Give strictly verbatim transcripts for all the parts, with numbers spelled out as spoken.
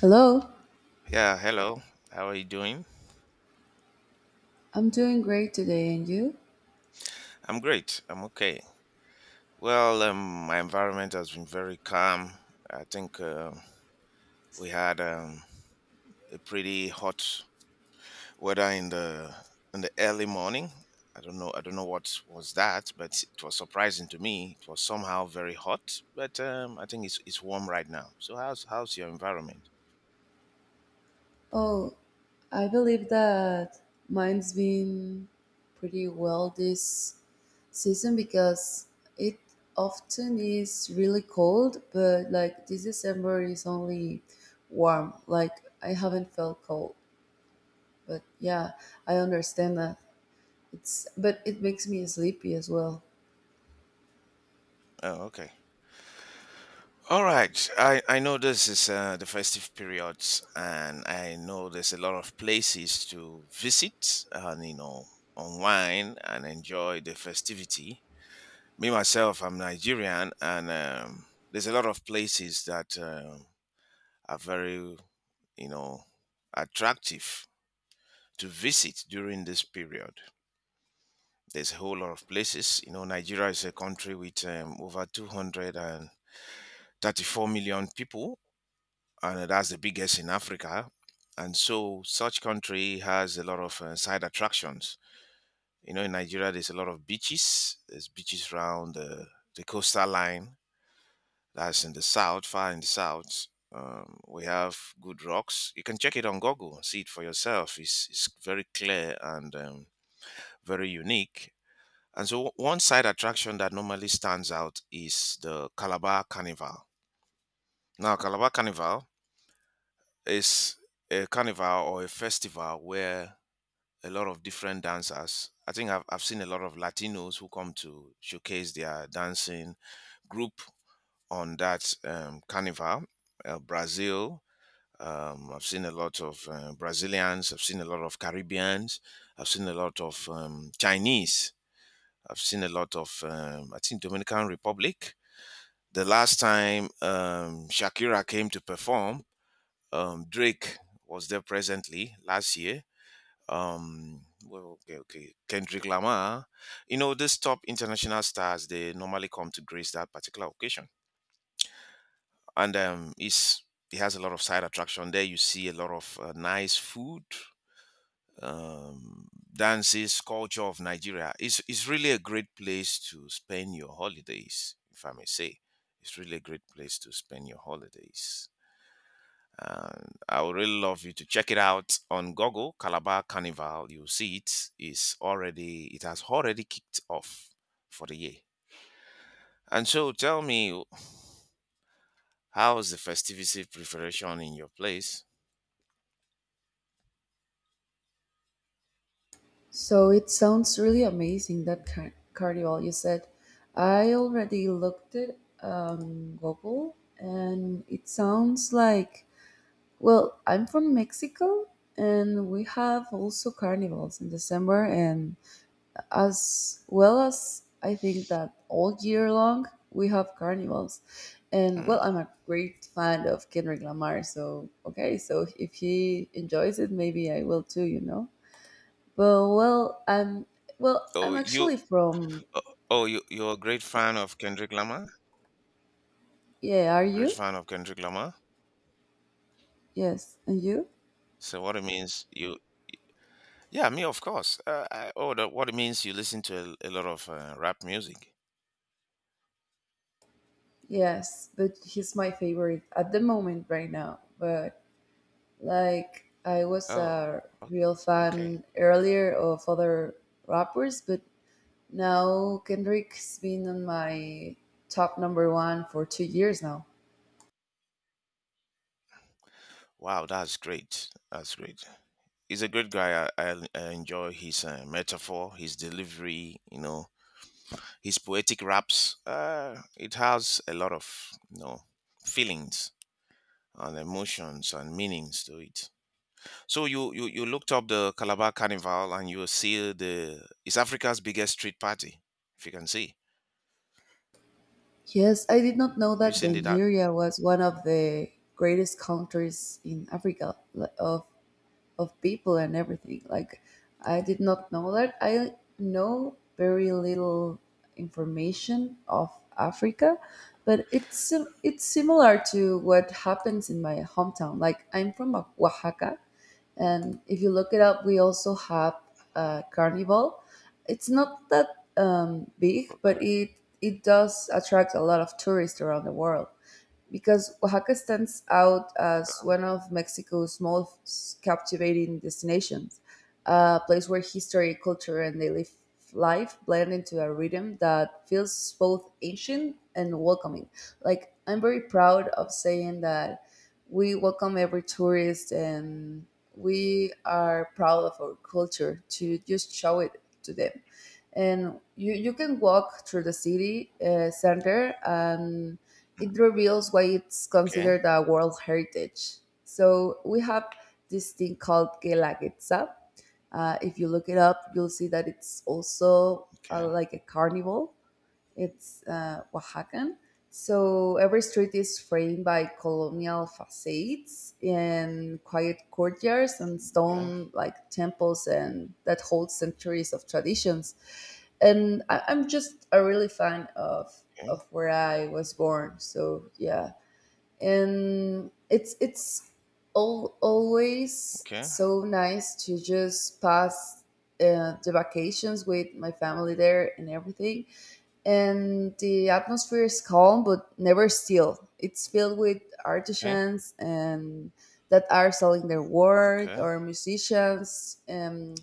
Hello, Yeah, hello. How are you doing? I'm doing great today, and you? I'm great. I'm okay. Well, um, my environment has been very calm. I think uh, we had um, a pretty hot weather in the in the early morning. I don't know. I don't know what was that, but it was surprising to me. It was somehow very hot, but um, I think it's it's warm right now. So how's how's your environment? Oh, I believe that mine's been pretty well this season because it often is really cold, but like this December is only warm. Like I haven't felt cold, but yeah, I understand that. It's But it makes me sleepy as well. Oh, okay. All right. I, I know this is uh, the festive periods, and I know there's a lot of places to visit and, you know, unwind and enjoy the festivity. Me, myself, I'm Nigerian, and um, there's a lot of places that um are very, you know, attractive to visit during this period. There's a whole lot of places. You know, Nigeria is a country with um, over two hundred thirty-four million people, and that's the biggest in Africa. And so, such country has a lot of uh, side attractions. You know, in Nigeria, there's a lot of beaches. There's beaches around the, the coastal line. That's in the south, far in the south. Um, we have good rocks. You can check it on Google and see it for yourself. It's, it's very clear and um, very unique. And so, one side attraction that normally stands out is the Calabar Carnival. Now, Calabar Carnival is a carnival or a festival where a lot of different dancers i think I've, I've seen a lot of latinos who come to showcase their dancing group on that um, carnival. Uh, brazil um, I've seen a lot of uh, brazilians. I've seen a lot of caribbeans. I've seen a lot of um, chinese. I've seen a lot of um, I think dominican republic. The last time um, shakira came to perform. um, Drake was there presently last year. Um, well, okay, okay. Kendrick Lamar. You know, these top international stars, they normally come to grace that particular occasion. And um, it's, it has a lot of side attraction there. You see a lot of uh, nice food, um, dances, culture of Nigeria. It's, it's really a great place to spend your holidays, if I may say. It's really a great place to spend your holidays. And I would really love you to check it out on Google. Calabar Carnival, you'll see it is already it has already kicked off for the year. And so, tell me, how's the festivity preparation in your place? So it sounds really amazing that car- carnival you said. I already looked it um Google, and it sounds like, well, I'm from Mexico and we have also carnivals in December and as well as I think that all year long we have carnivals. And well, Mm. I'm a great fan of Kendrick Lamar, so okay, so if he enjoys it, maybe I will too, you know. Well, well, I'm well, I'm Oh, you, actually from. oh, oh, you, you're a great fan of Kendrick Lamar. Yeah, are A great you? fan of Kendrick Lamar. Yes. And you? So what it means you? Yeah, me of course. Uh, I, oh, that, what it means you listen to a, a lot of uh, rap music. Yes, but he's my favorite at the moment right now. But like I was Oh, a okay, real okay. fan earlier of other rappers, but now Kendrick's been on my top number one for two years now. Wow, that's great. That's great. He's a great guy. I, I, I enjoy his uh, metaphor, his delivery, you know, his poetic raps. Uh, it has a lot of you know feelings and emotions and meanings to it. So you, you you looked up the Calabar Carnival and you see the it's Africa's biggest street party. If you can see, Yes, I did not know have you that seen it? That Nigeria was one of the greatest countries in Africa, li- of of people and everything. Like, I did not know that. I know very little information of Africa, but it's sim- it's similar to what happens in my hometown. Like, I'm from O- Oaxaca, and if you look it up, we also have a carnival. It's not that um, big, but okay? it it does attract a lot of tourists around the world because Oaxaca stands out as one of Mexico's most captivating destinations, a place where history, culture, and daily life blend into a rhythm that feels both ancient and welcoming. Like, I'm very proud of saying that we welcome every tourist and we are proud of our culture to just show it to them. And you, you can walk through the city uh, center, and Mm. it reveals why it's okay, considered a World Heritage. So we have this thing called Guelaguetza. Uh, if you look it up, you'll see that it's also uh, okay, like a carnival. It's uh, Oaxacan. So every street is framed by colonial facades and quiet courtyards and okay, stone like temples and that hold centuries of traditions. And I, I'm just a really fan of okay, of where I was born. So yeah, and it's it's all, always okay, so nice to just pass uh, the vacations with my family there and everything, and the atmosphere is calm but never still. It's filled with artisans and that are selling their work okay. or Okay. musicians. Um,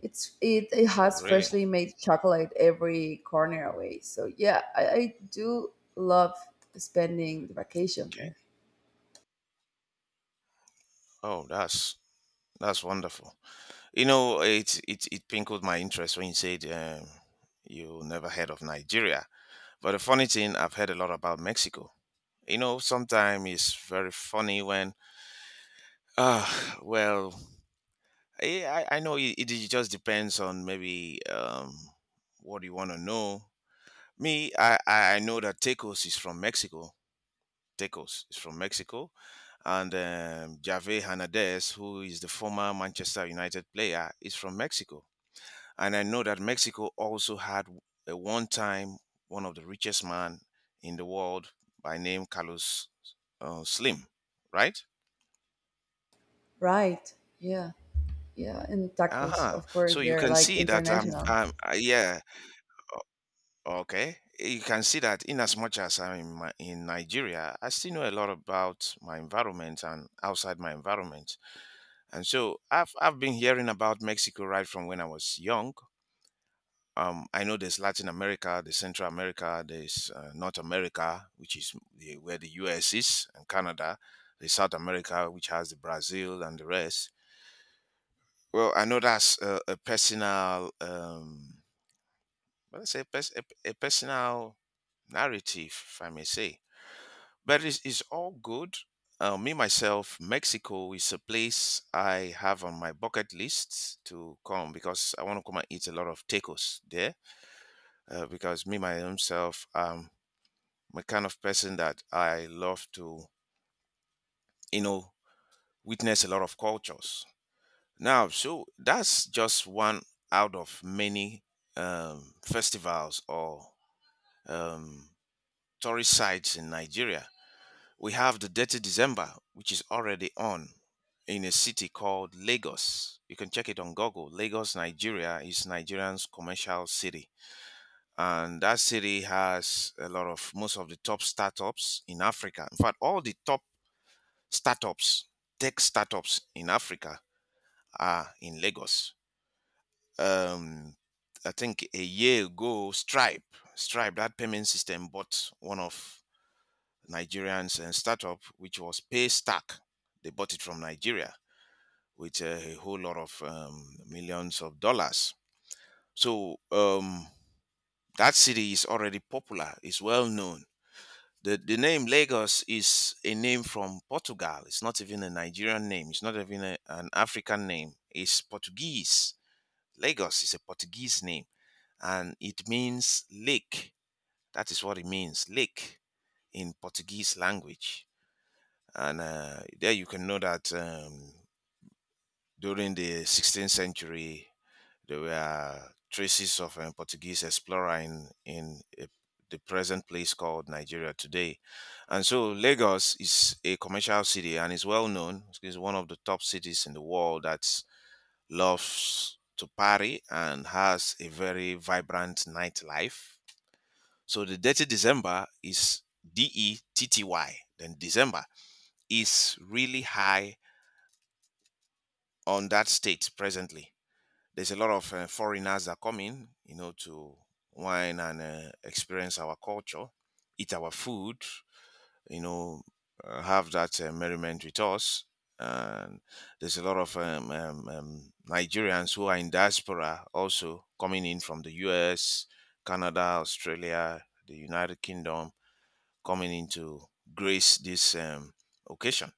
it's it, it has Really? freshly made chocolate every corner away. So yeah, I, I do love spending the vacation Okay. there. Oh, that's that's wonderful. You know, it it it pinkled my interest when you said um, you never heard of Nigeria. But the funny thing, I've heard a lot about Mexico. You know, sometimes it's very funny when, ah, well, eh, I I know it, it just depends on maybe um what you want to know. Me, I I I know that Tacos is from Mexico. Tacos is from Mexico, and um, Javier Hernandez, who is the former Manchester United player, is from Mexico. And I know that Mexico also had a one time one of the richest man in the world by name Carlos uh, Slim, right? Right? Yeah, yeah, and tacos. Uh-huh. Of So course, you they're can like see that um, international. um uh, yeah, okay. You can see that in as much as I'm in, my, in Nigeria, I still know a lot about my environment and outside my environment. And so I've I've been hearing about Mexico right from when I was young. um, I know there's Latin America, there's Central America, there's uh, North America, which is the, where the U S is, and Canada, there's South America, which has the Brazil and the rest. Well, I know that's a, a personal, um, well, let's say, a, pers- a, a personal narrative, if I may say. But it's, it's all good. Uh, me, myself, Mexico is a place I have on my bucket list to come because I want to come and eat a lot of tacos there uh, because me myself, um, I'm a kind of person that I love to, you know, witness a lot of cultures. Now, so that's just one out of many um, festivals or um, tourist sites in Nigeria. We have the Dirty December, which is already on in a city called Lagos. You can check it on Google. Lagos, Nigeria is Nigerian's commercial city. And that city has a lot of most of the top startups in Africa. In fact, all the top startups, tech startups in Africa are in Lagos. Um, I think a year ago, Stripe, Stripe, that payment system, bought one of Nigerians and startup, which was Paystack. They bought it from Nigeria with a whole lot of um, millions of dollars. So um, that city is already popular, it's well known. The, the name Lagos is a name from Portugal. It's not even a Nigerian name. It's not even a- an African name. It's Portuguese. Lagos is a Portuguese name and it means lake. That is what it means, lake in Portuguese language. And uh, there you can know that um, during the sixteenth century, there were traces of a Portuguese explorer in, in a, the present place called Nigeria today. And so Lagos is a commercial city and is well known. It's one of the top cities in the world that loves to party and has a very vibrant nightlife. So the dirty December is D E T T Y, then December is really high on that state presently. There's a lot of uh, foreigners that come in, you know, to wine and uh, experience our culture, eat our food, you know, uh, have that uh, merriment with us. And there's a lot of um, um, um, Nigerians who are in diaspora also coming in from the U S, Canada, Australia, the United Kingdom, coming in to grace this um, occasion.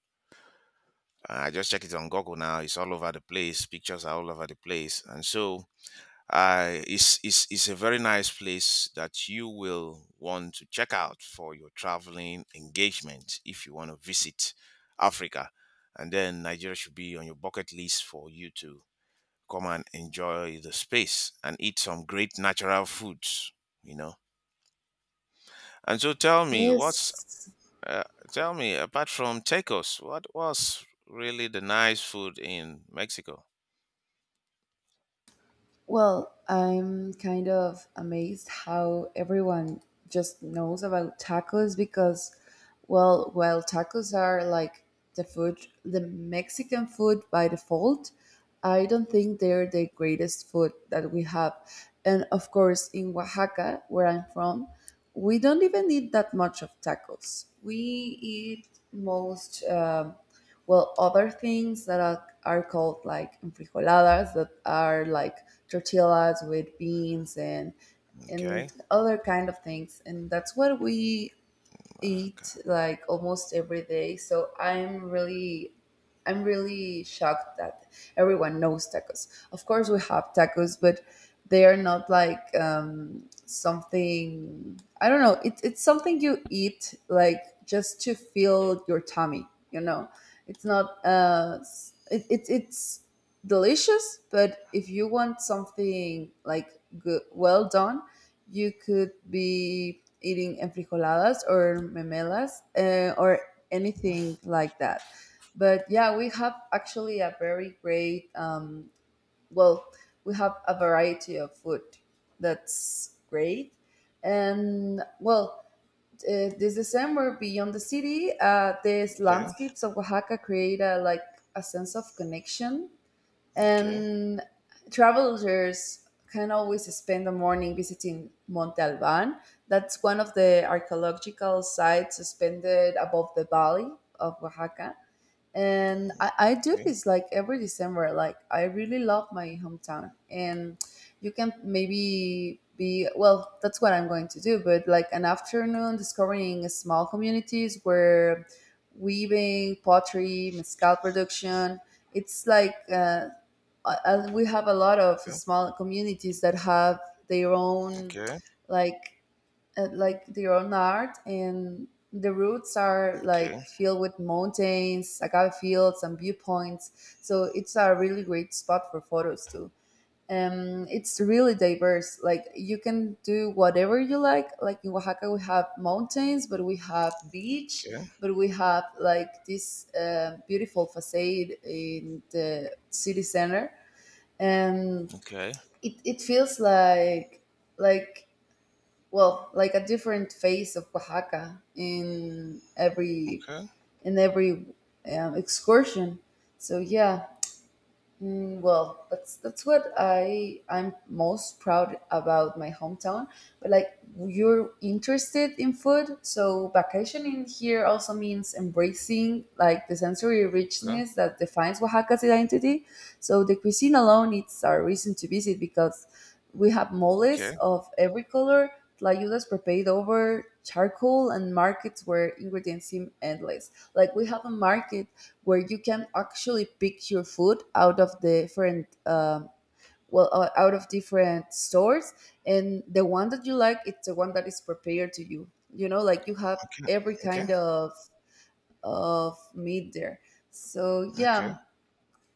I just check it on Google now. It's all over the place. Pictures are all over the place. And so uh, it's, it's, it's a very nice place that you will want to check out for your traveling engagement if you want to visit Africa. And then Nigeria should be on your bucket list for you to come and enjoy the space and eat some great natural foods, you know. And so tell me, what's, Yes. uh, tell me, apart from tacos, what was really the nice food in Mexico? Well, I'm kind of amazed how everyone just knows about tacos because, well, while tacos are like the food, the Mexican food by default, I don't think they're the greatest food that we have. And of course, in Oaxaca, where I'm from, we don't even eat that much of tacos. We eat most. Um well, other things that are, are called like enfrijoladas that are like tortillas with beans and Okay. and other kind of things, and that's what we eat Okay. like almost every day. So I'm really I'm really shocked that everyone knows tacos. Of course, we have tacos, but they are not like um, something. I don't know. It, it's something you eat like just to fill your tummy. You know, it's not. Uh, s- it, it, it's delicious, but if you want something like good, well done, you could be eating enfrijoladas or memelas, uh, or anything like that. But yeah, we have actually a very great, um, well, we have a variety of food that's great. And well, uh, this December, beyond the city, uh, these Okay. landscapes of Oaxaca create a, like a sense of connection, Okay. and travelers can always spend the morning visiting Monte Alban, that's one of the archaeological sites suspended above the valley of Oaxaca. And I, I do Okay. this like every December. Like, I really love my hometown, and you can maybe be, well, that's what I'm going to do, but like an afternoon discovering small communities where weaving, pottery, mezcal production, it's like, uh, uh, uh, we have a lot of small communities that have their own, Okay. like, uh, like their own art, and the routes are Okay. like filled with mountains, agave fields, and viewpoints, so it's a really great spot for photos too. Um, it's really diverse, like you can do whatever you like like in Oaxaca we have mountains, but we have beach, Okay. but we have like this uh, beautiful facade in the city center, and Okay, it, it feels like, like well, like a different face of Oaxaca in every, okay, in every um, excursion. So yeah. Mm, well, that's that's what I I'm most proud about my hometown. But like you're interested in food, so vacationing here also means embracing like the sensory yeah, richness that defines Oaxaca's identity. So the cuisine alone, it's our reason to visit because we have moles okay, of every color, tlayudas prepared over charcoal, and markets where ingredients seem endless. Like, we have a market where you can actually pick your food out of different, um, well, uh, out of different stores, and the one that you like, it's the one that is prepared to you you know Like, you have okay, every okay, kind of of meat there. So okay, yeah.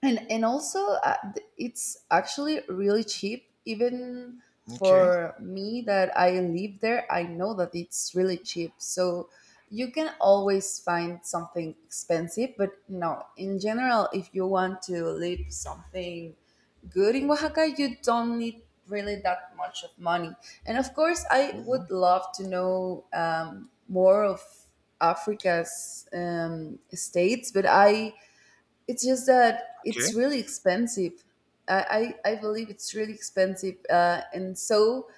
And and also uh, th- it's actually really cheap. Even okay, for me that I live there, I know that it's really cheap. So you can always find something expensive, but no, in general, if you want to live something good in Oaxaca, you don't need really that much of money. And of course I mhm, would love to know, um, more of Africa's um, states, but I it's just that it's okay, really expensive. I, I, I believe it's really expensive. Uh, and so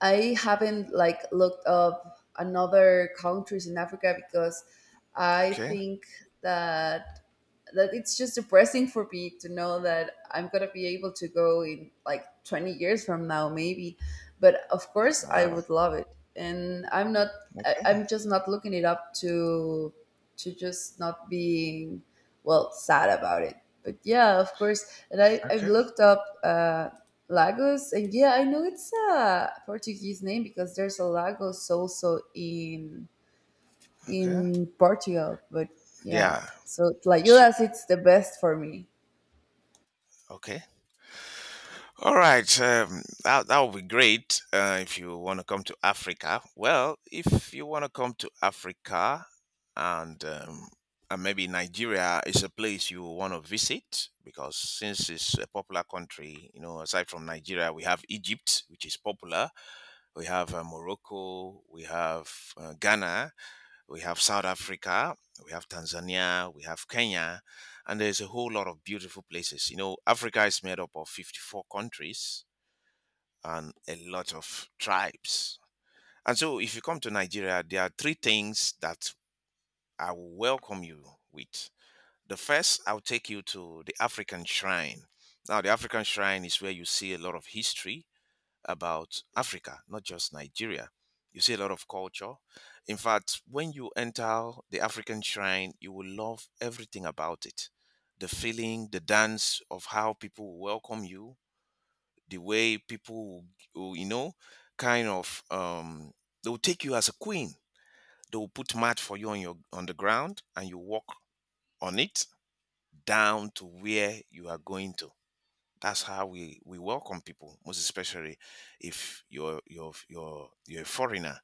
I haven't like looked up another countries in Africa because I okay, think that that it's just depressing for me to know that I'm gonna be able to go in like twenty years from now, maybe. But of course, I wow, would love it, and I'm not. I, okay, I'm just not looking it up to to just not being, well, sad about it. But yeah, of course, and I I've okay, looked up uh, Lagos, and yeah, I know it's a Portuguese name because there's a Lagos also in okay. in Portugal, but yeah. Yeah, So like it's true. Judas, it's the best for me. Okay. All right. Um, that that would be great uh, if you want to come to Africa. Well, if you want to come to Africa, and um, and maybe Nigeria is a place you want to visit because since it's a popular country, you know, aside from Nigeria, we have Egypt, which is popular. We have uh, Morocco, we have uh, Ghana, we have South Africa, we have Tanzania, we have Kenya, and there's a whole lot of beautiful places. You know, Africa is made up of fifty-four countries and a lot of tribes. And so, if you come to Nigeria, there are three things that I will welcome you with. The first, I'll take you to the African Shrine. Now, the African Shrine is where you see a lot of history about Africa, not just Nigeria. You see a lot of culture. In fact, when you enter the African shrine, you will love everything about it. The feeling, the dance of how people will welcome you, the way people, will, will, you know, kind of, um, they will take you as a queen. They will put mat for you on your on the ground, and you walk on it down to where you are going to. That's how we we welcome people, most especially if you're you're you're you're a foreigner.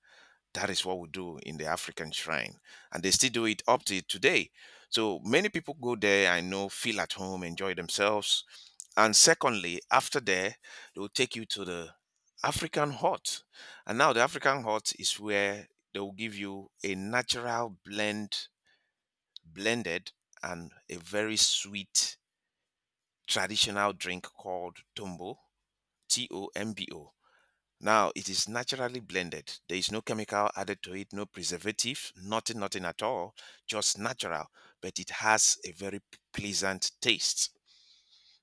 That is what we do in the African shrine, and they still do it up to today. So many people go there, I know, feel at home, enjoy themselves. And secondly, after there, they will take you to the African hut. And now, the African hut is where they will give you a natural blend blended and a very sweet traditional drink called tumbo, T O M B O. Now it is naturally blended. There is no chemical added to it, no preservative, nothing, nothing at all, just natural. But it has a very p- pleasant taste.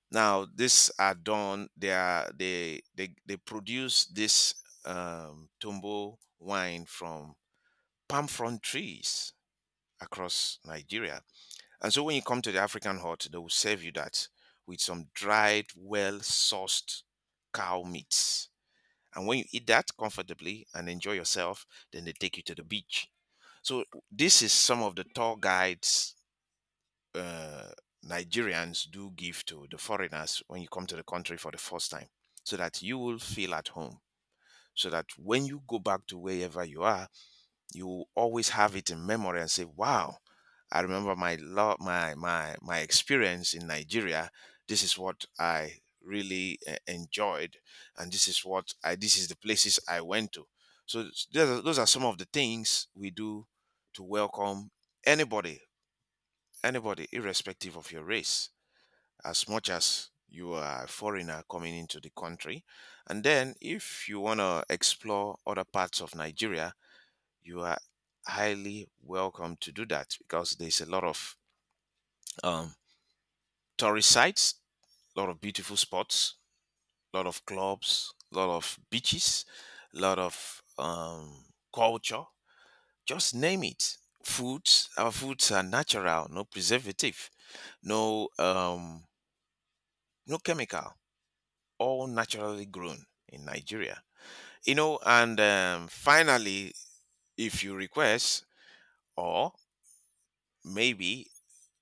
Now these are done. They are they they, they produce this um, Tombo wine from palm frond trees across Nigeria. And so when you come to the African hut, they will serve you that with some dried, well sourced cow meats, and when you eat that comfortably and enjoy yourself, then they take you to the beach. So this is some of the tour guides uh, Nigerians do give to the foreigners when you come to the country for the first time, so that you will feel at home. So that when you go back to wherever you are, you will always have it in memory and say, "Wow, I remember my love, my my my experience in Nigeria. This is what I really uh, enjoyed, and this is what I this is the places I went to." So s- those are those are some of the things we do to welcome anybody, anybody, irrespective of your race, as much as you are a foreigner coming into the country. And then, if you want to explore other parts of Nigeria, you are highly welcome to do that because there's a lot of um, tourist sites, a lot of beautiful spots, a lot of clubs, a lot of beaches, a lot of um, culture. Just name it. Foods, our foods are natural, no preservative, no um, no chemical, all naturally grown in Nigeria. You know, and um, finally, if you request, or maybe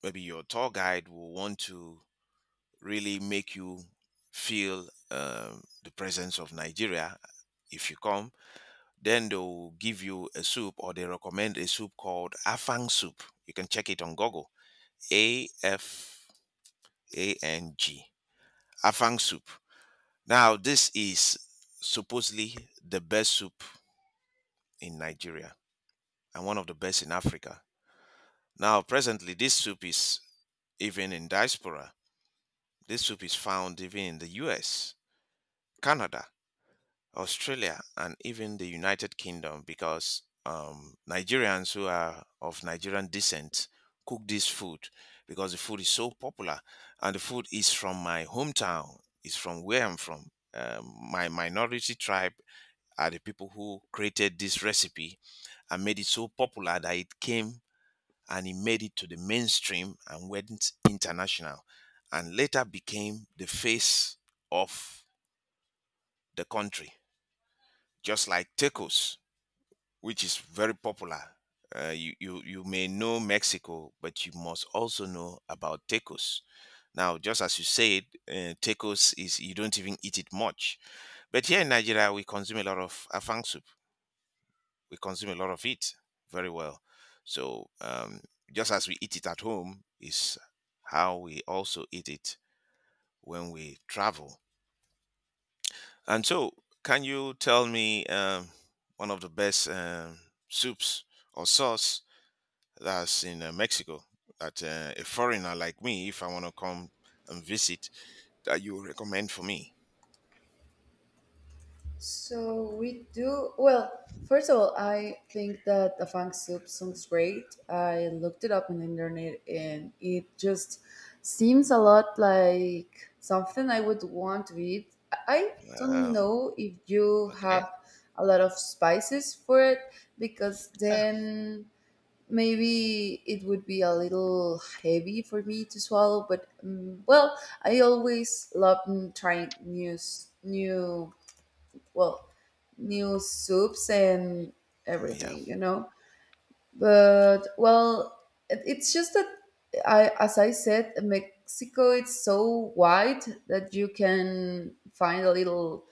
maybe your tour guide will want to really make you feel, um, the presence of Nigeria if you come. Then they'll give you a soup, or they recommend a soup called Afang soup. You can check it on Google. A F A N G. Afang soup. Now this is supposedly the best soup in Nigeria and one of the best in Africa. Now presently this soup is even in diaspora. This soup is found even in the U S, Canada, Australia, and even the United Kingdom, because um, Nigerians who are of Nigerian descent cook this food because the food is so popular. And the food is from my hometown, it's from where I'm from. Um, my minority tribe are the people who created this recipe and made it so popular that it came and he made it to the mainstream and went international and later became the face of the country, just like tacos, which is very popular. Uh, you, you, you may know Mexico, but you must also know about tacos. Now, just as you said, uh, tacos, is you don't even eat it much. But here in Nigeria, we consume a lot of afang soup. We consume a lot of it very well. So um, just as we eat it at home is how we also eat it when we travel. And so, can you tell me, um, one of the best, um, soups or sauce that's in uh, Mexico that uh, a foreigner like me, if I want to come and visit, that you recommend for me? So we do well. First of all, I think that the fang soup sounds great. I looked it up on the internet, and it just seems a lot like something I would want to eat. I don't Oh, know if you have okay. a lot of spices for it, because Yeah. then maybe it would be a little heavy for me to swallow, but um, well, I always love, mm, trying new s- new well new soups and Yeah. everything you know but well, it- it's just that I, as I said, Mexico, it's so wide that you can find a little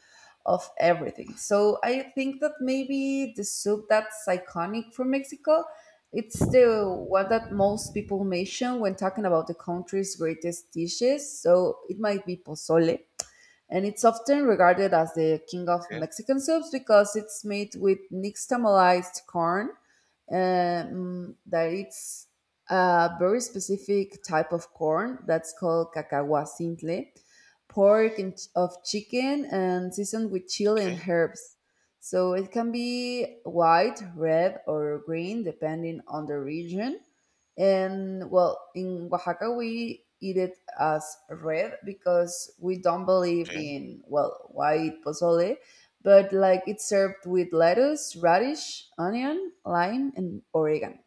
of everything. So I think that maybe the soup that's iconic for Mexico, it's the one that most people mention when talking about the country's greatest dishes, so it might be pozole, and it's often regarded as the king of Okay. Mexican soups because it's made with nixtamalized corn, um, that it's a very specific type of corn that's called cacahuacintle, pork and ch- of chicken, and seasoned with chili and Okay. herbs. So it can be white, red, or green depending on the region. And well, in Oaxaca, we eat it as red because we don't believe in, well, white pozole, but like it's served with lettuce, radish, onion, lime, and oregano.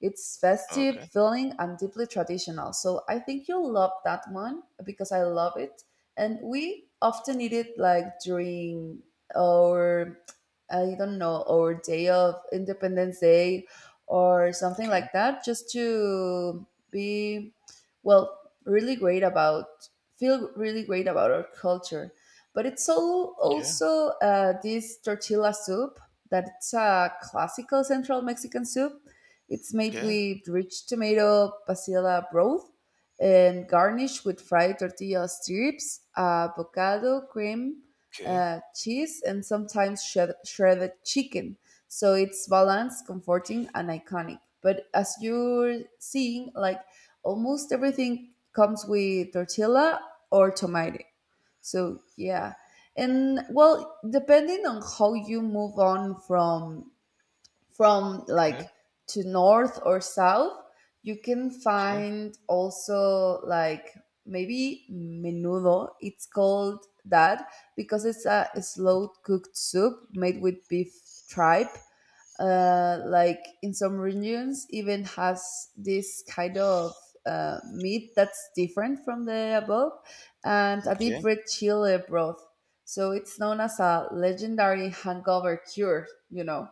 It's festive, Okay. Okay. filling, and deeply traditional. So I think you'll love that one because I love it. And we often eat it like during our, I don't know, our day of Independence Day or something Okay. like that, just to be, well, really great about, feel really great about our culture. But it's all Okay. also uh, this tortilla soup, that's a classical central Mexican soup. It's made Okay. with rich tomato pasilla broth, and garnished with fried tortilla strips, avocado, cream, Okay. uh, cheese, and sometimes shred- shredded chicken. So it's balanced, comforting, and iconic. But as you're seeing, like almost everything comes with tortilla or tomato. So yeah. And well, depending on how you move on from from like to north or south, you can Okay. find also like maybe menudo. It's called that because it's a slow cooked soup made with beef tripe. Uh, like in some regions, even has this kind of uh, meat that's different from the above, and a deep Okay. red chili broth. So it's known as a legendary hangover cure. You know,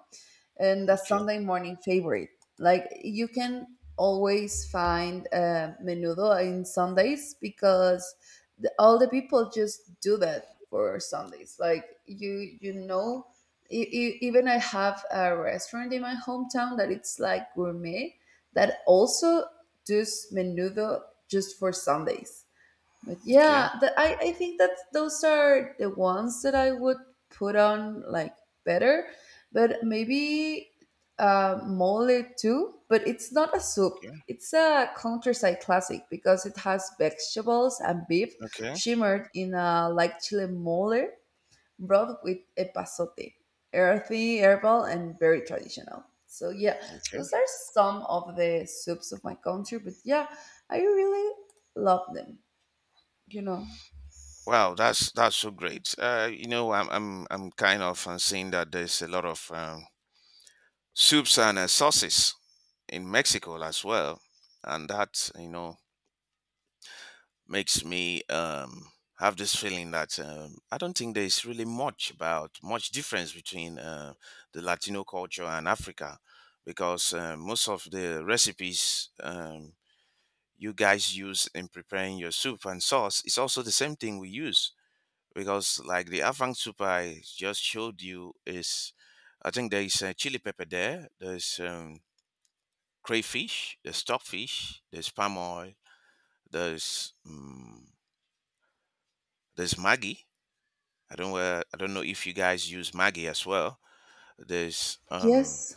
and the Okay. Sunday morning favorite. Like you can always find uh, menudo in Sundays because the, all the people just do that for Sundays. Like you, you know, e- e- even I have a restaurant in my hometown that it's like gourmet, that also does menudo just for Sundays. But Okay, yeah, that I, I think that those are the ones that I would put on like better, but maybe, uh, mole too. But it's not a soup. okay, It's a countryside classic because it has vegetables and beef okay, shimmered in a, like, chile mole broth with epazote, earthy, herbal, and very traditional. So yeah, okay. those are some of the soups of my country. But yeah, I really love them. You know. Wow, that's that's so great. Uh, you know, I'm I'm I'm kind of uh, seeing that there's a lot of um, soups and uh, sauces in Mexico as well, and that, you know, makes me, um, have this feeling that, um, I don't think there's really much about much difference between uh, the Latino culture and Africa, because uh, most of the recipes, um, you guys use in preparing your soup and sauce is also the same thing we use, because like the Afang soup I just showed you is, I think there is uh, chili pepper there. There's um, crayfish, there's stockfish, there's palm oil, there's um, there's Maggi. I don't, uh, I don't know if you guys use Maggi as well. There's um, Yes,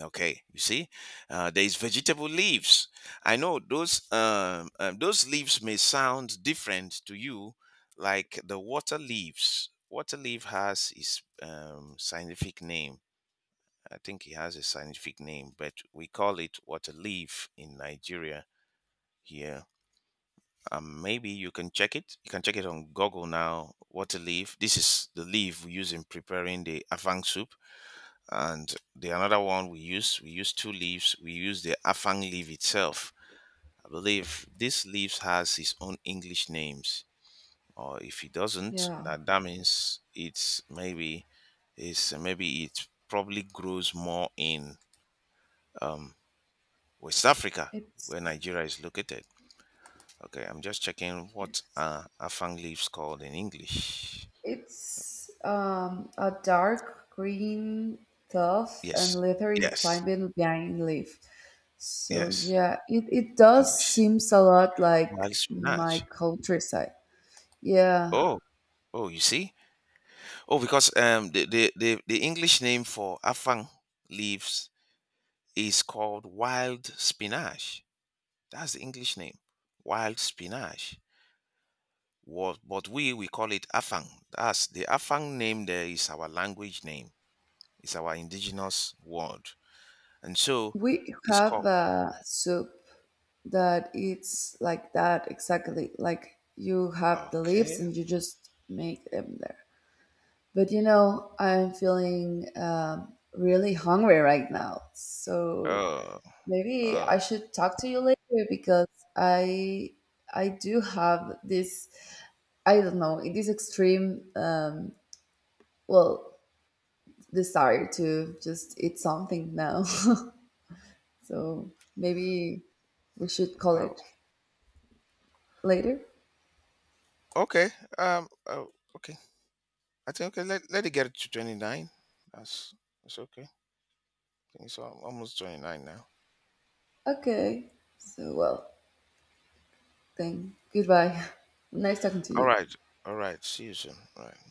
okay, you see, uh, there is vegetable leaves. I know those, um, um, those leaves may sound different to you, like the water leaves. Water leaf has its um, scientific name. I think it has a scientific name, but we call it water leaf in Nigeria here. Um, maybe you can check it. You can check it on Google now. Water leaf. This is the leaf we use in preparing the afang soup, and the another one we use we use two leaves. We use the afang leaf itself. I believe this leaf has its own English names, or if it doesn't, yeah, that, that means it's maybe, it's maybe it probably grows more in, um, West Africa it's where Nigeria is located. Okay, I'm just checking what yes. are afang leaves called in English. it's um, a dark green, tough and Yes. leathery Yes. climbing vine leaf. So Yes. yeah, it, it does English. seems a lot like Wild my spinach. countryside. Yeah, Oh. Oh, you see. Oh, because, um, the the the, the English name for afang leaves is called wild spinach. That's the English name, wild spinach. What, but we we call it afang. That's the afang name. There is our language name. It's our indigenous word, and so we it's have called. a soup that it's like that exactly. Like, you have the leaves Okay. and you just make them there. But you know, I'm feeling um, really hungry right now. So Oh. maybe I Oh. should talk to you later because I I do have this, I don't know, this extreme, um, well desire to just eat something now. so maybe we should call Oh. it later. Okay. Um. Oh, okay. I think, okay. Let Let it get to twenty nine. That's, it's okay. I think it's al- almost twenty nine now. Okay. So, well, then goodbye. Nice talking to All you. right. All right. See you soon. All right.